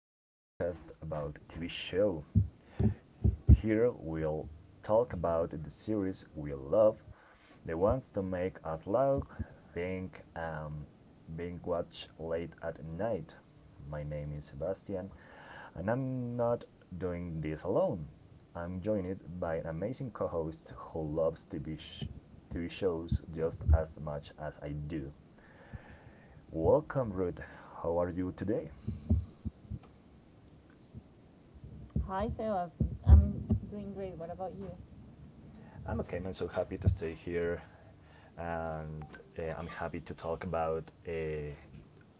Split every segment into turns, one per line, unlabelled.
our podcast about TV show. Here we'll talk about the series we love, the ones to make us laugh, think, being watched late at night. My name is Sebastian, and I'm not doing this alone. I'm joined by an amazing co-host who loves TV shows just as much as I do. Welcome, Ruth. How are you today?
Hi, Sebas. I'm doing great. What about you?
I'm okay, man. So happy to stay here, and I'm happy to talk about uh,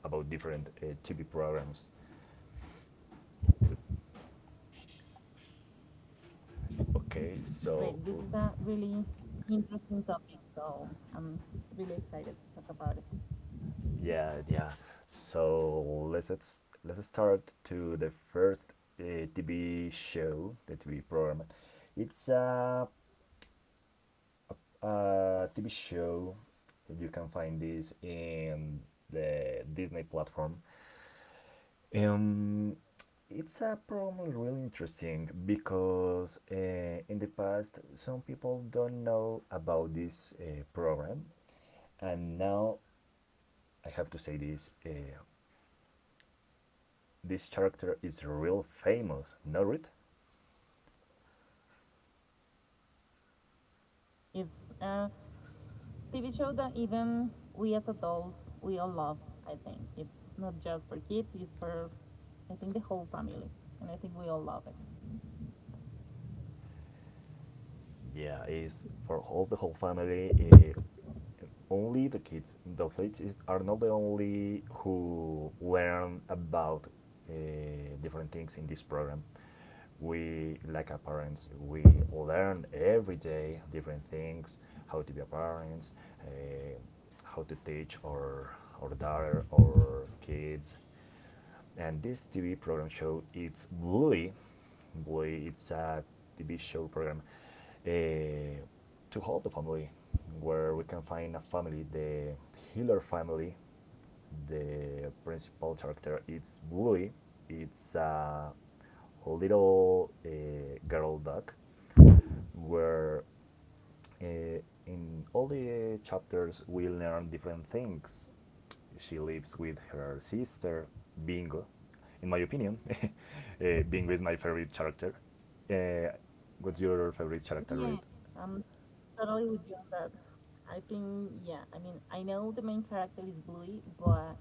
about different TV programs. Okay,
Great. This is a really interesting topic, so I'm really excited to talk about it.
yeah, yeah. So let's start to the first TV show, the TV program. It's a TV show. You can find this in the Disney platform. Um, it's a problem really interesting because in the past some people don't know about this program, and now I have to say this: this character is real famous. Know it?
Yeah, that's true. It's a TV show that even we as adults, we all love, I think. It's not just for kids, it's for, I think, the whole family. And I think we all love it.
Yeah, it's for all the whole family. Uh, Only the kids is, are not the only who learn about different things in this program. We, like our parents, we learn every day different things, how to be a parents, eh, how to teach our daughter, our kids. And this TV program show, it's Bluey. Bluey, it's a TV show program, eh, to help the family, where we can find a family, the healer family. The principal character, it's Bluey. It's a little girl duck, where uh, in all the chapters we learn different things. She lives with her sister Bingo. In my opinion, Bingo is my favorite character. Uh, what's your favorite character,
Yeah,
Reed?
I'm totally with you on that. I think, yeah, I mean, I know the main character is Bluey, but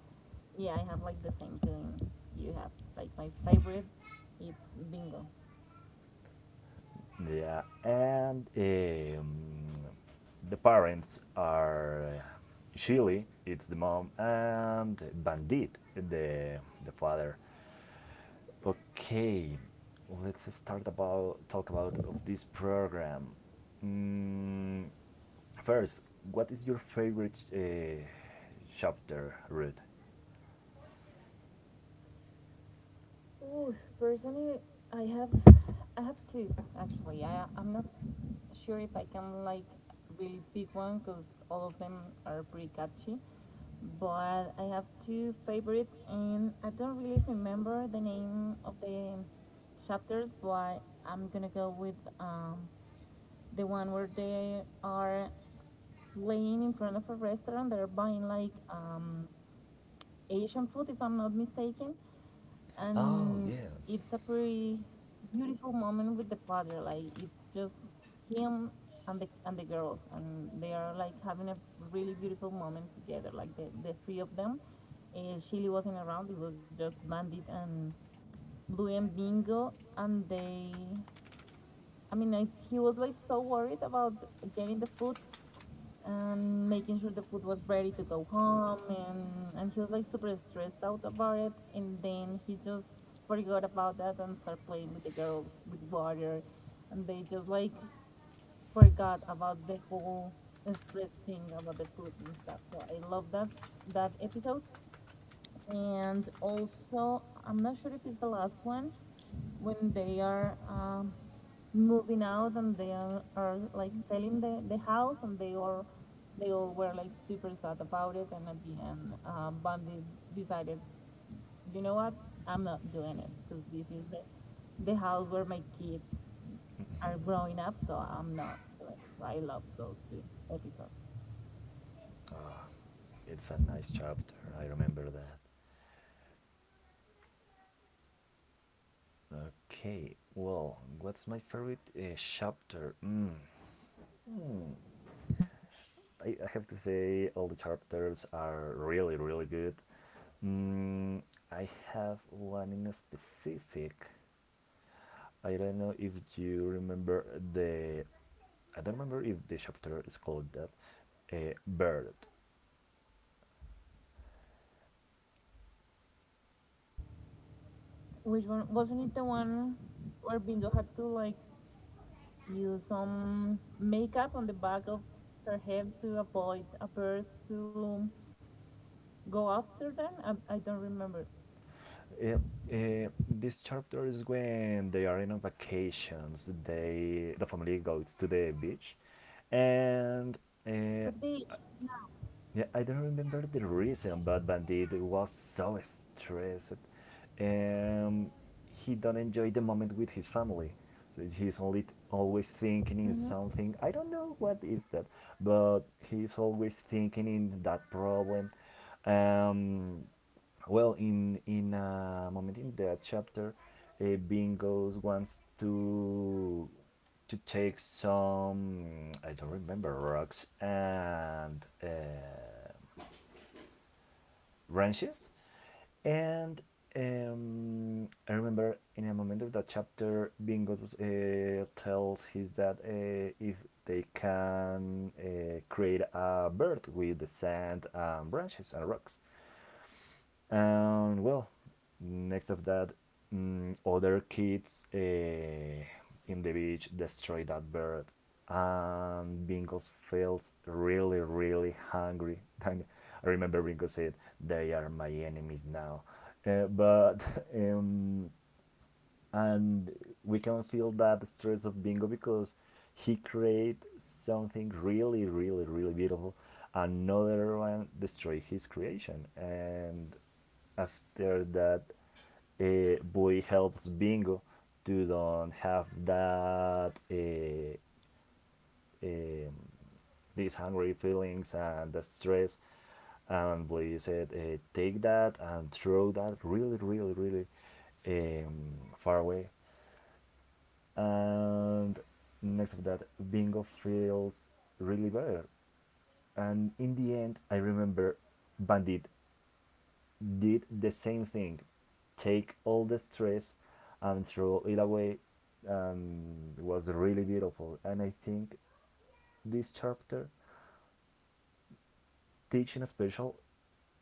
yeah, I have like the same feeling you have. Like my favorite, it's bingo.
Yeah, and the parents are Shilly, it's the mom, and Bandit, the father. Okay, let's start about talk about of this program. Mm, First, what is your favorite chapter, Ruth?
Ooh, personally, I have, I have two actually. I'm not sure if I can like really pick one because all of them are pretty catchy. But I have two favorites, and I don't really remember the name of the chapters. But I'm gonna go with the one where they are playing in front of a restaurant. They're buying like Asian food, if I'm not mistaken.
Oh,
And
yeah.
it's a pretty beautiful moment with the father. Like it's just him and the girls, and they are like having a really beautiful moment together. Like the three of them. Shelly wasn't around. It was just Bandit and Blue and Bingo, and they. I mean, he was like so worried about getting the food and making sure the food was ready to go home, and he was like super stressed out about it, and then he just forgot about that and started playing with the girls with water, and they just like forgot about the whole stress thing about the food and stuff. So I love that episode. And also I'm not sure if it's the last one when they are moving out, and are like selling the house, and they all were like super sad about it, and at the end Bundy decided, you know what, I'm not doing it because this is the house where my kids are growing up, so I'm not doing it. So I love those two episodes.
It's a nice chapter. I remember that. Okay. Well, what's my favorite chapter? Mm. Hmm. I have to say all the chapters are really, really good. Mm, I have one in specific. I don't know if you remember the. I don't remember if the chapter is called that. Bird.
Which one wasn't it, the one where Bingo had to like use some makeup on the back of her head to avoid a bird to go after them. I don't remember.
Uh, this chapter is when they are in vacations. The family goes to the beach, and uh,
But they,
yeah, I don't remember the reason, but Bandit was so stressed. Um, he don't enjoy the moment with his family. So he's only always thinking in
mhm.
something. I don't know what is that, but he's always thinking in that problem. Um, well, in a moment in that chapter, uh, Bingos wants to take some, I don't remember, rocks and branches, and I remember in a moment of that chapter, Bingos tells his dad if they can create a bird with the sand and branches and rocks. And well, next of that, other kids, in the beach, destroy that bird, and Bingos feels really, really hungry. I remember Bingo said, "They are my enemies now." But um, and we can feel that stress of Bingo because he create something really, really, really beautiful. Another one destroy his creation, and after that, Boy helps Bingo to don't have that um, these hungry feelings and the stress. And Boy said, take that and throw that really, really, really um, far away. And next of that, Bingo feels really better. And in the end, I remember Bandit did the same thing: take all the stress and throw it away. And it was really beautiful, and I think this chapter teaching special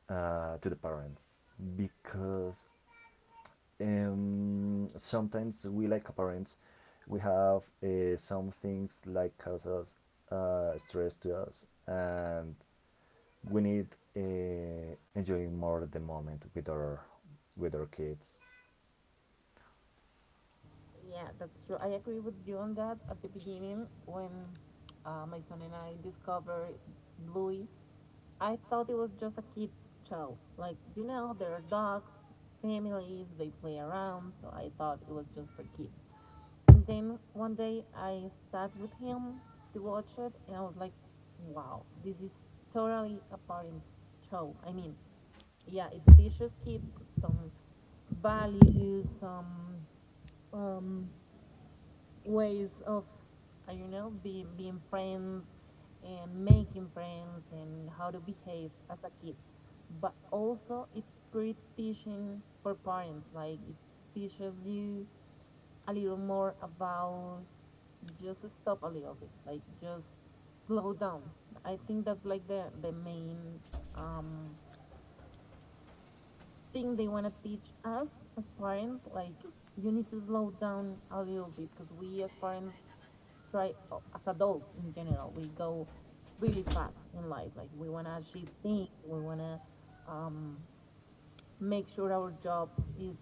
to the parents, because sometimes we, like parents, we have some things like causes stress to us, and we need enjoying more the moment with our kids
Yeah, that's true. I agree with you on that. At the beginning, when my son and I discovered Bluey, I thought it was just a kid's show. Like, you know, there are dogs, families, they play around, so I thought it was just for kids. And then one day I sat with him to watch it, and I was like, wow, this is totally a parent show. I mean, yeah, it teaches kids some values, some um, ways of you know, being friends and making friends and how to behave as a kid. But also it's pretty teaching for parents. Like it teaches you a little more about, just stop a little bit, like just slow down. I think that's like the main um, thing they want to teach us as parents, like you need to slow down a little bit because we as parents try, as adults in general, we go really fast in life. Like we want to achieve things, we want to um, make sure our jobs is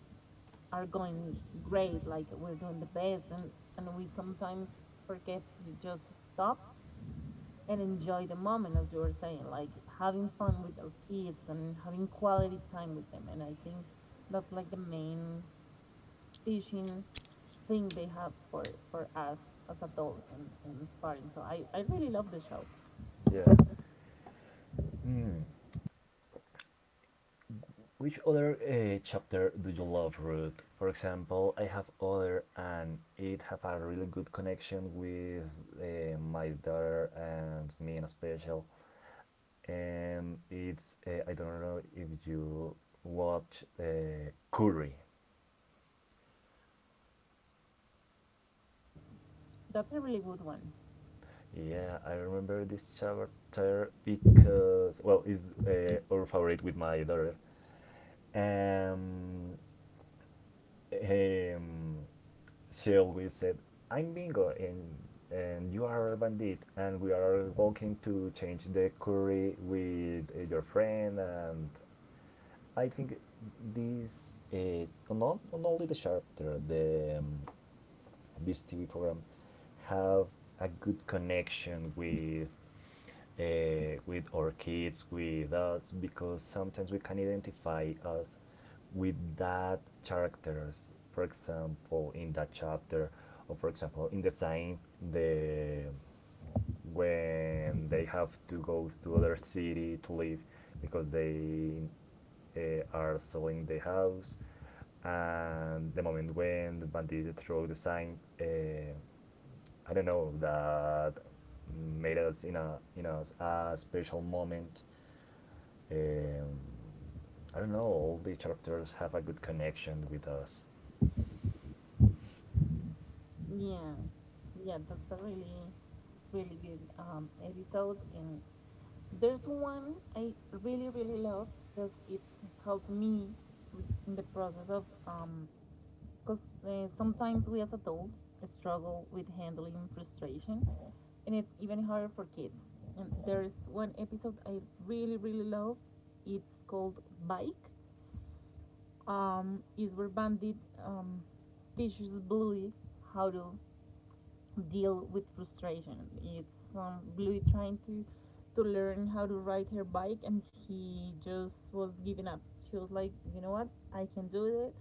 are going great, like we're doing the best, and we sometimes forget to just stop and enjoy the moment, as you were saying, like having fun with our kids and having quality time with them. And I think that's like the main teaching thing they have for us as adults and as parents. So I really love the show.
Yeah. Hmm. Which other chapter do you love, Ruth? For example, I have other, and it have a really good connection with my daughter and me in a special. And it's I don't know if you watch Curry.
Yes, that's a really good one.
Yeah, I remember this chapter because, well, it's our favorite with my daughter. Um, um, she always said, "I'm Bingo," and you are a bandit, and we are walking to change the curry with your friend. And I think this not only the chapter, the this TV program have a good connection with our kids, with us, because sometimes we can identify us with that characters. For example, in that chapter, or for example, in the sign, the when they have to go to other city to live because they are selling the house, and the moment when the bandit throw the sign, I don't know, that made us in a in a special moment. Um, I don't know. All these chapters have a good connection with us.
Yeah, yeah, that's a really, really good episode. And there's one I really, really love because it's helped me with, in the process of, because sometimes we as adults struggle with handling frustration, and it's even harder for kids. And there's one episode I really, really love. It's called Bike. Is where Bandit um, teaches Bluey how to deal with frustration. It's Bluey trying to learn how to ride her bike, and she just was giving up. She was like, you know what, I can do it.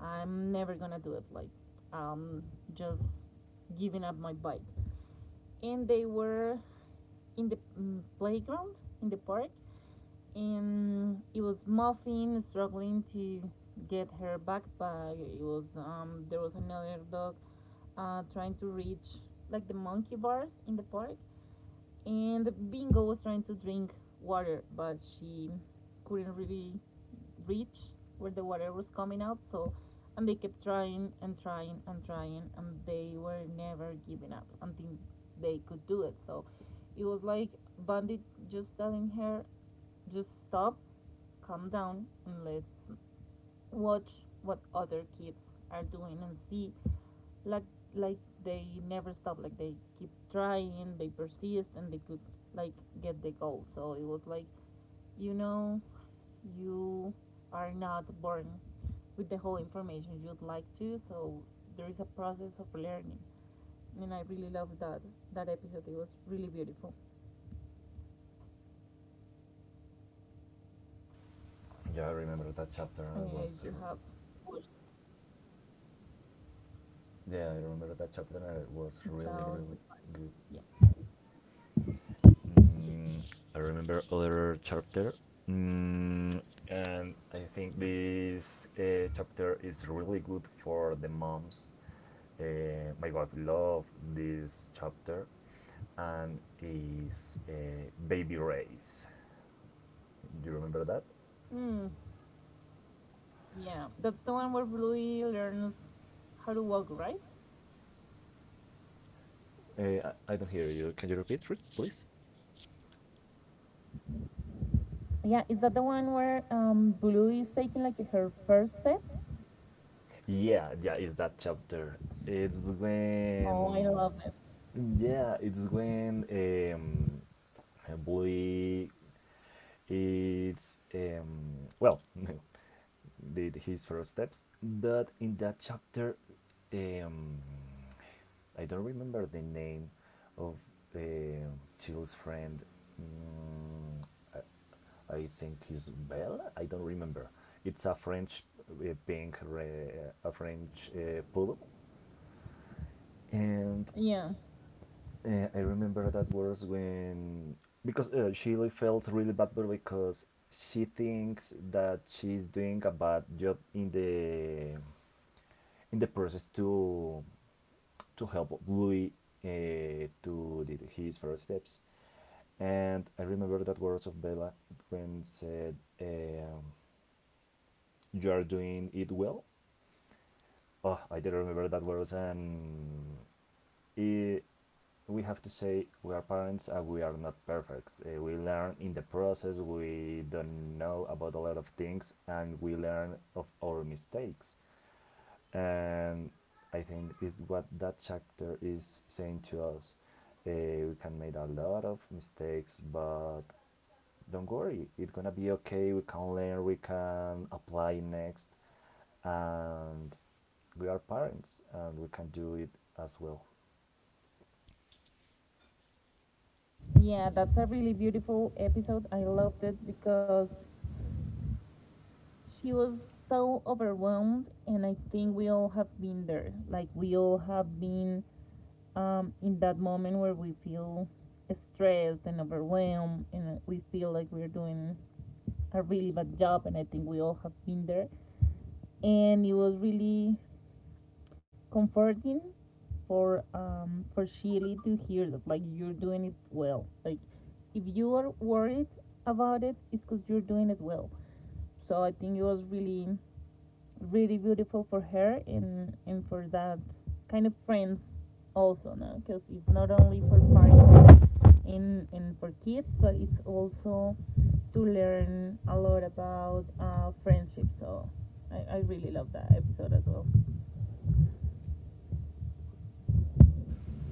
I'm never gonna do it. Like, um, just giving up my bike. And they were in the playground in the park, and it was Muffin struggling to get her backpack. It was there was another dog trying to reach like the monkey bars in the park, and Bingo was trying to drink water, but she couldn't really reach where the water was coming out. So, and they kept trying and trying and trying, and they were never giving up until they could do it. So, it was like Bandit just telling her, just stop, calm down, and let's watch what other kids are doing and see like like they never stop, like they keep trying, they persist, and they could like get the goal. So it was like, you know, you are not born with the whole information you'd like to. So there is a process of learning, and I really love that episode. It was really beautiful.
Yeah, I remember that chapter.
I
And it
mean,
was,
you have watched
yeah, I remember that chapter. And it was
that
really,
was
really
the
good.
yeah.
Mm, I remember other chapter. Mm, and I think this chapter is really good for the moms. My God, I love this chapter. And is Baby Race. Do you remember that?
mm, Yeah, that's the one where Bluey learns how to walk, right?
I don't hear you. Can you repeat, please?
Yeah, is that the one where Blue is taking like her first steps?
Yeah, yeah, it's that chapter. It's
Oh, I
when,
love it.
yeah, it's when a boy, it's well, did his first steps, but in that chapter, um, I don't remember the name of um Chill's friend. Mm, I, I think it's Belle. I don't remember. It's a French pink, a French poodle, and
Yeah.
I remember that was when, because she really felt really bad because she thinks that she's doing a bad job in the process to help Louis to did his first steps. And I remember that words of Bella when said, um, "You are doing it well." Oh, I didn't remember that words, and it, we have to say we are parents and we are not perfect. We learn in the process. We don't know about a lot of things, and we learn of our mistakes. And I think is what that chapter is saying to us. Uh, we can make a lot of mistakes, but don't worry, it's gonna be okay. We can learn, we can apply next, and we are parents, and we can do it as well.
Yeah, that's a really beautiful episode. I loved it because she was so overwhelmed, and I think we all have been there. Like we all have been in that moment where we feel stressed and overwhelmed, and we feel like we're doing a really bad job. And I think we all have been there. And it was really comforting for Shelly to hear that, like you're doing it well. Like if you are worried about it, it's because you're doing it well. So I think it was really really beautiful for her and for that kind of friends also, no, because it's not only for parents and for kids, but it's also to learn a lot about friendship. So I really love that episode as well.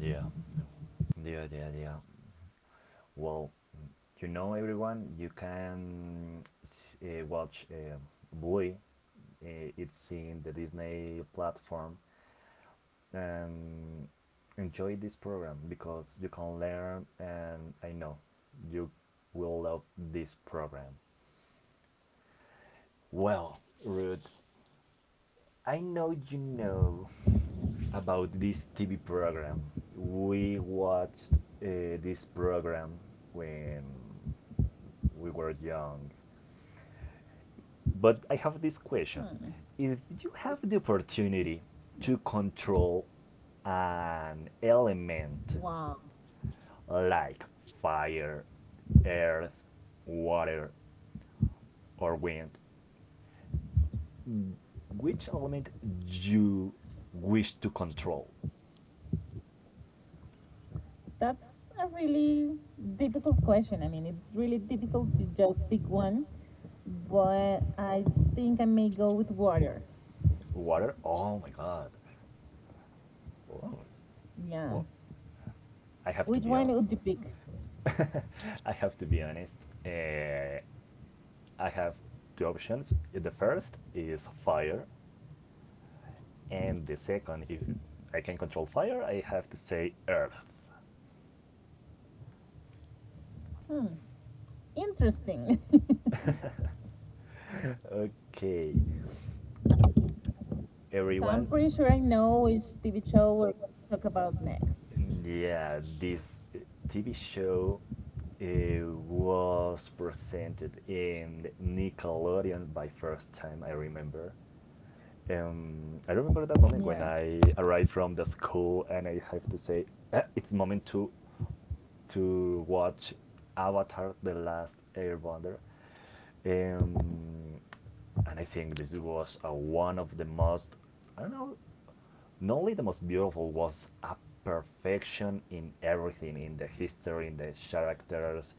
Yeah, yeah, yeah, yeah. Well, everyone, you can watch Bluey. It's in the Disney platform. And enjoy this program because you can learn and I know you will love this program. Well, Ruth, I know you know about this TV program. We watched this program when we were young. But I have this question.
Hmm.
If you have the opportunity to control an element
Wow,
like fire, earth, water, or wind, which element you wish to control?
that's a really difficult question. I mean, it's really difficult to just pick one, but I think I may go with water.
Water? Oh my god. Wow.
Yeah.
Well, I have to
Which
be
one would you
honest.
pick?
I have to be honest. Uh, I have two options. The first is fire, and the second, if I can control fire, I have to say earth.
Hmm. Interesting.
Okay,
So I'm
everyone,
pretty sure I know which TV show we're going to talk about next.
yeah, this uh, TV show was presented in Nickelodeon by first time I remember. I remember that moment when
Yeah.
I arrived from the school and I have to say, It's moment to watch Avatar: The Last Airbender." Um, and I think this was one of the most, I don't know, not only the most beautiful, was a perfection in everything, in the history, in the characters,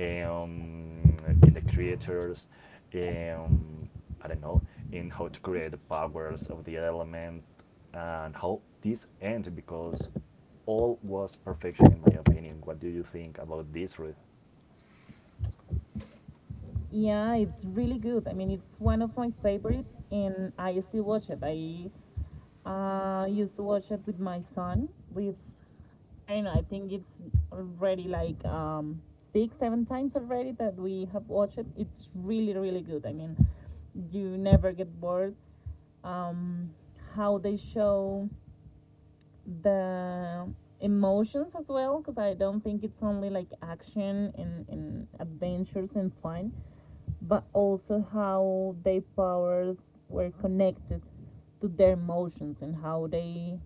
um, in the creators, um, I don't know, in how to create the powers of the elements. And how this end, because all was perfection, in my opinion. What do you think about this, Ruth?
Yeah, it's really good. I mean, it's one of my favorites, and I still watch it. I used to watch it with my son. With, and I think it's already like six, seven times already that we have watched it. It's really, really good. I mean, you never get bored. Um, how they show the emotions as well, because I don't think it's only like action and adventures and fun, but also how their powers were connected to their emotions and how they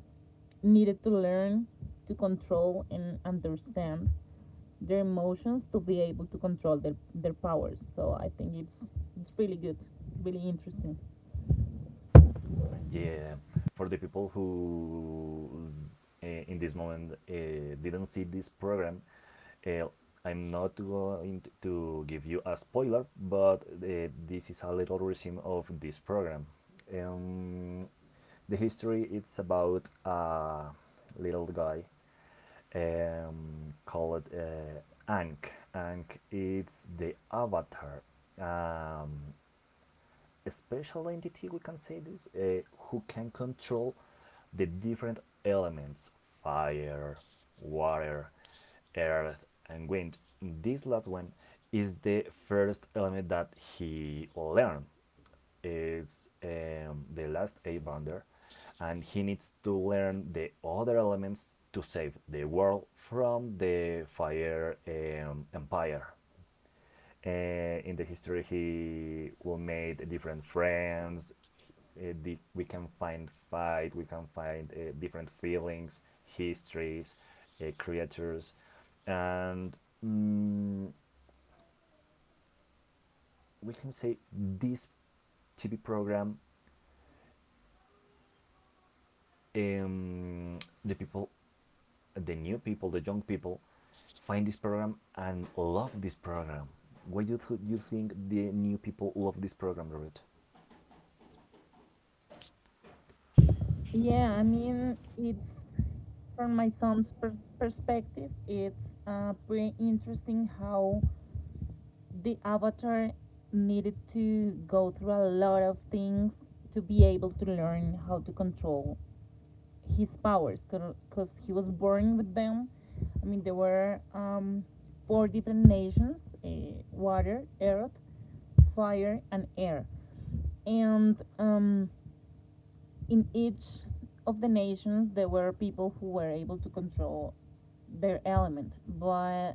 needed to learn to control and understand their emotions to be able to control their powers. So I think it's really good, really interesting.
Yeah, for the people who in this moment didn't see this program, Uh, I'm not going to give you a spoiler, but this is a little resume of this program. Um, the history it's about a little guy, called Ankh. Ankh is the avatar, um, a special entity we can say this, who can control the different elements: fire, water, earth, and wind. This last one is the first element that he learned. It's the last a bounder, and he needs to learn the other elements to save the world from the fire empire. In the history he will made different friends, we can find fight, we can find different feelings, histories, creatures, and mm, we can say this TV program, um, the people, the new people, the young people, find this program and love this program. Why do you think the new people love this program, Robert?
Yeah, I mean it's from my perspective, it's pretty interesting how the avatar needed to go through a lot of things to be able to learn how to control his powers because he was born with them. I mean, there were four different nations, water, earth, fire, and air. And in each of the nations, there were people who were able to control their element, but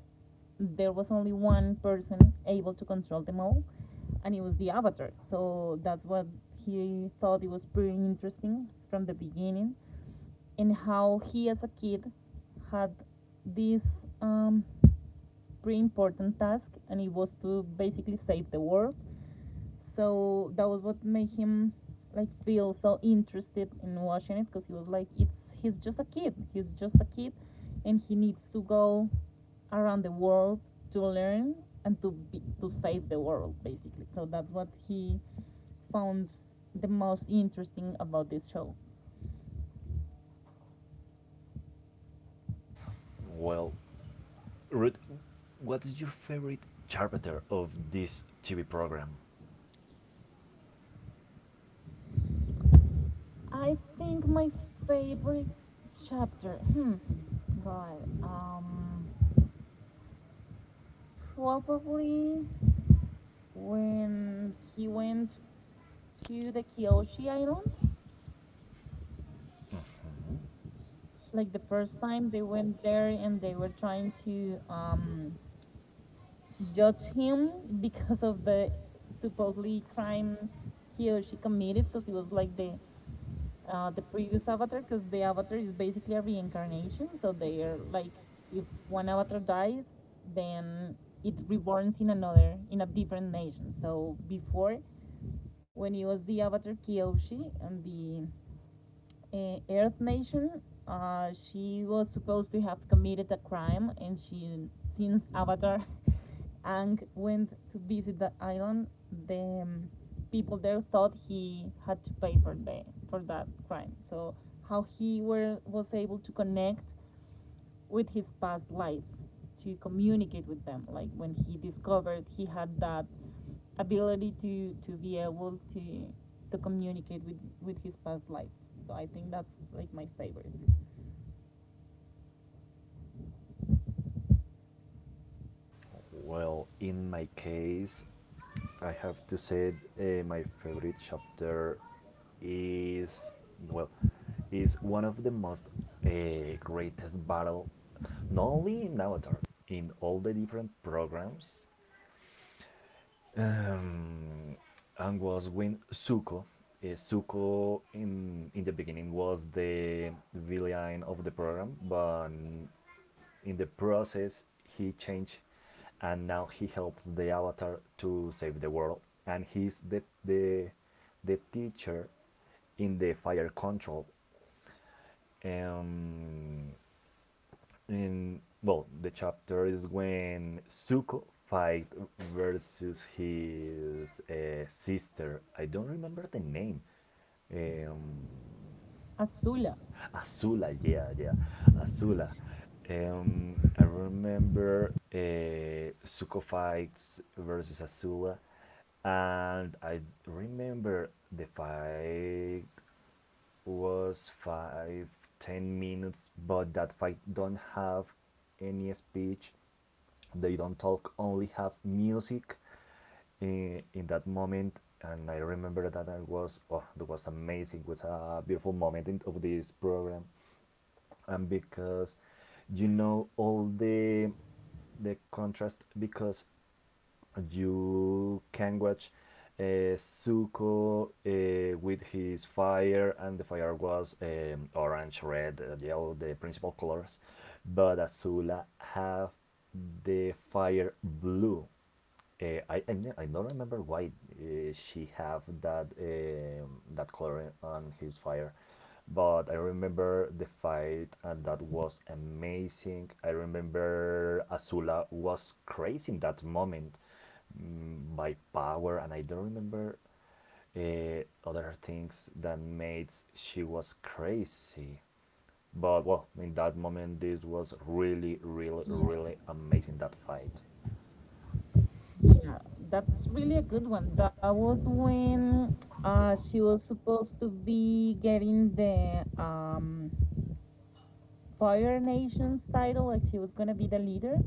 there was only one person able to control them all, and it was the avatar. So that's what he thought it was pretty interesting from the beginning, and how he, as a kid, had this um, pretty important task, and it was to basically save the world. So that was what made him like feel so interested in watching it, because he was like, it's he's just a kid, and he needs to go around the world to learn and to save the world basically. So that's what he found the most interesting about this show.
Well, Ruth, what is your favorite chapter of this TV program?
I think my favorite chapter. Hmm. God. Probably when he went to the Kyoshi Island.
Mm-hmm.
Like the first time they went there, and they were trying to judge him because of the supposedly crime he or she committed because he was like the previous avatar, because the avatar is basically a reincarnation. So they are like, if one avatar dies, then it reborns in another, in a different nation. So before, when it was the avatar Kyoshi and the Earth Nation. She was supposed to have committed a crime, and she, since Avatar, Ang went to visit the island, the people there thought he had to pay for the for that crime. So how he were was able to connect with his past lives to communicate with them. Like when he discovered he had that ability to be able to communicate with his past life. So I think that's like my favorite.
Well, in my case, I have to say my favorite chapter is, well, is one of the most greatest battle, not only in Avatar, in all the different programs, um, and was with Zuko. Zuko in the beginning was the villain of the program, but in the process he changed, and now he helps the Avatar to save the world, and he's the the teacher in the fire control. Um, in Well, the chapter is when Zuko fight versus his sister. I don't remember the name. Um,
Azula.
Azula, yeah, yeah, Azula. I remember Zuko fights versus Azula, and I remember the fight was 5, 10 minutes, but that fight don't have any speech, they don't talk, only have music in that moment. And I remember that I was, oh, that was amazing. It was a beautiful moment in, of this program. And because, you know, all the contrast, because you can watch uh, Zuko with his fire, and the fire was orange, red, yellow, the principal colors. But Azula have the fire blue. I don't remember why she have that that color on his fire, but I remember the fight, and that was amazing. I remember Azula was crazy in that moment, by power, and I don't remember other things that made she was crazy. But well, in that moment, this was really, really,
Yeah.
really amazing, that fight.
Yeah, that's really a good one. That was when she was supposed to be getting the Fire Nation's title, like she was gonna be the leader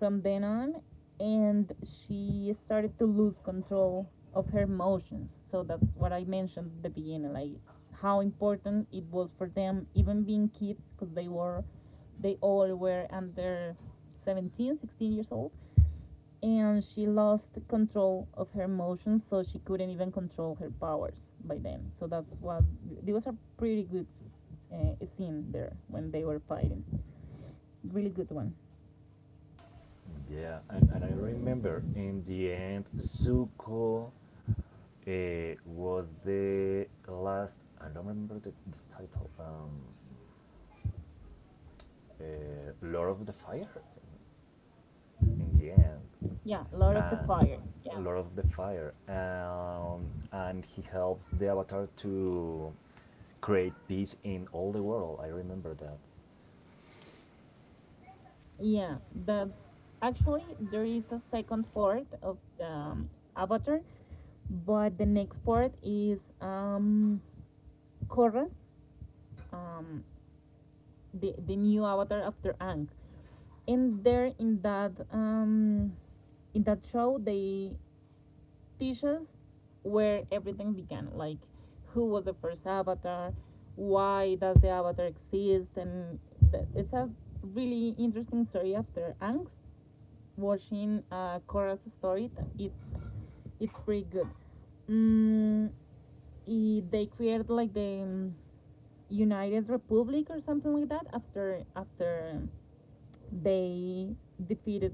from then on, and she started to lose control of her emotions. So that's what I mentioned at the beginning, like how important it was for them, even being kids, because they all were under 17, 16 years old, and she lost control of her emotions, so she couldn't even control her powers by then. So that's it was a pretty good scene there when they were fighting really good one.
Yeah, and I remember in the end, Suko was the last. I don't remember this title. Lord of the Fire. In the end,
Yeah, Lord of the
uh,
Fire. Yeah,
Lord of the Fire, and he helps the Avatar to create peace in all the world. I remember that.
yeah. That actually there is a second part of the Avatar, but the next part is Korra, um, the new Avatar after Ang, and there in that show they dishes where everything began, like who was the first avatar, why does the avatar exist, and it's a really interesting story. After angst watching Korra's story, it's it's pretty good. mm, they created like the United Republic or something like that, after after they defeated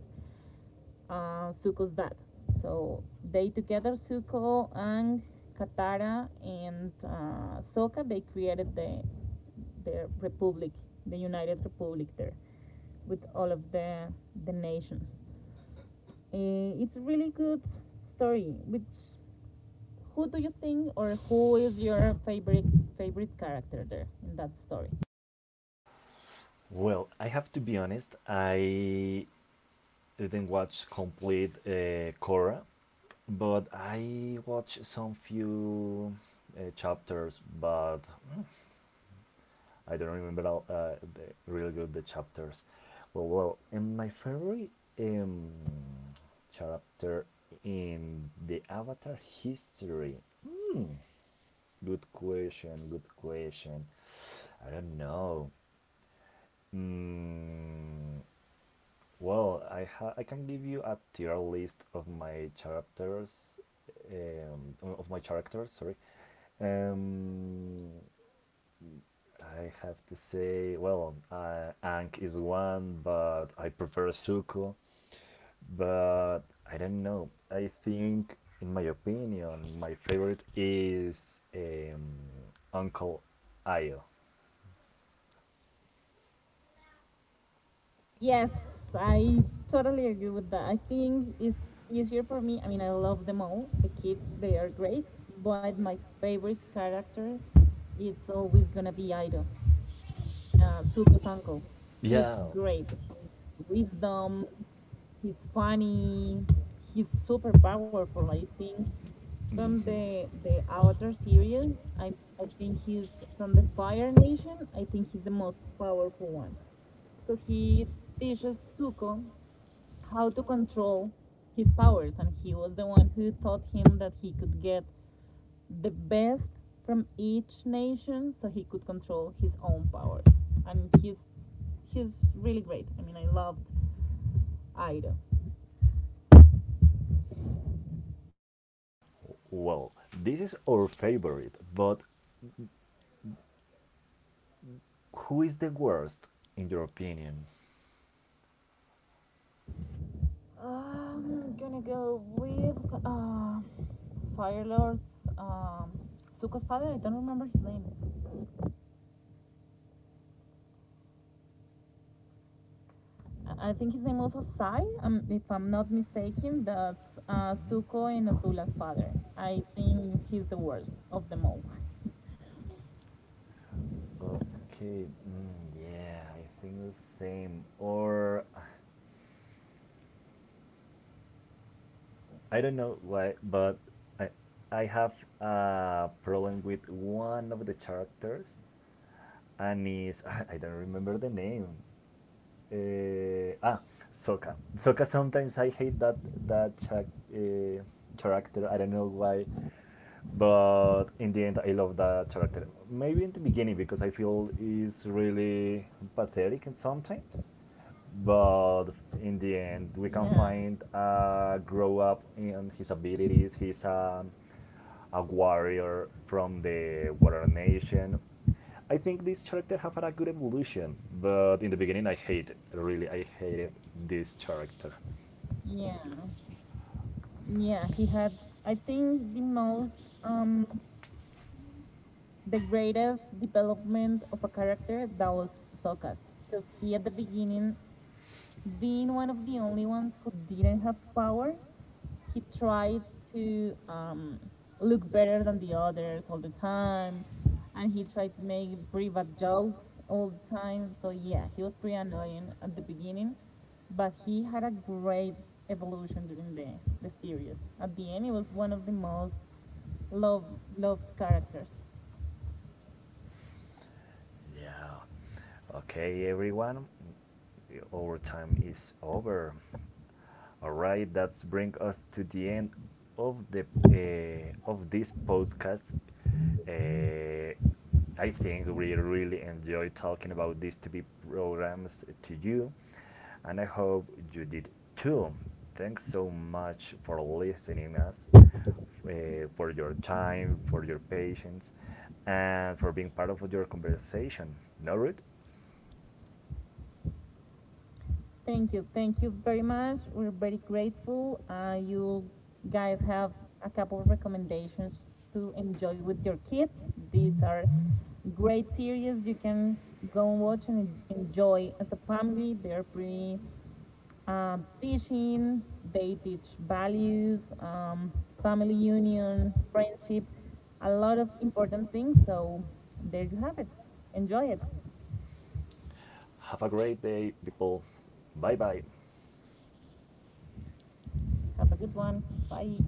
Zuko's dad. So they together, Zuko and Katara and Sokka, they created the republic, the United Republic there, with all of the nations. It's really good story. Which who do you think, or who is your favorite character there in that story?
Well, I have to be honest. I didn't watch complete Korra. But I watched some few chapters, but I don't remember all, really good, the chapters. Well, and my favorite um, chapter in the Avatar history. Good question, good question. I don't know. Mm. Well, I can give you a tier list of my characters, of my characters. Sorry, um, I have to say, well, Ankh is one, but I prefer Suko. But I don't know. I think, in my opinion, my favorite is Uncle Io.
Yes, I totally agree with that. I think it's easier for me. I mean, I love them all. The kids, they are great, but my favorite character is always gonna be Aido, Zuko's uncle. He's
Yeah.
great. His wisdom, he's funny, he's super powerful. I think from
Mhm.
the Avatar series, I I think he's from the Fire Nation. I think he's the most powerful one because he teaches Zuko how to control his powers, and he was the one who taught him that he could get the best from each nation, so he could control his own powers. And he's really great. I mean, I loved Airo.
Well, this is our favorite, but who is the worst in your opinion?
I'm gonna go with uh, Fire Lord's, um, Zuko's father. I don't remember his name. I think his name also Sai, if I'm not mistaken, that's Suko and Azula's father. I think he's the worst of them all.
Okay, mm, yeah, I think the same. Or I don't know why, but I I have a problem with one of the characters, and is I don't remember the name. Uh, ah, Sokka. Sokka. Sometimes I hate that character. I don't know why. But in the end, I love that character. Maybe in the beginning because I feel he's really pathetic and sometimes, but in the end we can
Yeah,
find a grow up in his abilities. He's a warrior from the water nation. I think this character have had a good evolution, but in the beginning I hated, really I hated this character.
yeah, yeah. He had, I think, the most, um, the greatest development of a character that was Sokka's, because he at the beginning, being one of the only ones who didn't have powers, he tried to look better than the others all the time, and he tried to make pretty bad jokes all the time. So yeah, he was pretty annoying at the beginning, but he had a great evolution during the series. At the end, he was one of the most loved loved characters.
Yeah. Okay, everyone, our time is over. All right, that's bring us to the end of the of this podcast. Uh, I think we really enjoy talking about these TV programs to you, and I hope you did too. Thanks so much for listening us, for your time, for your patience, and for being part of your conversation. No, Ruth?
Thank you. Thank you very much. We're very grateful. You guys have a couple of recommendations to enjoy with your kids. These are great series you can go and watch and enjoy as a family. They're pretty teaching, they teach values, family union, friendship, a lot of important things. So, there you have it. Enjoy it.
Have a great day, people. Bye bye.
Have a good one. Bye.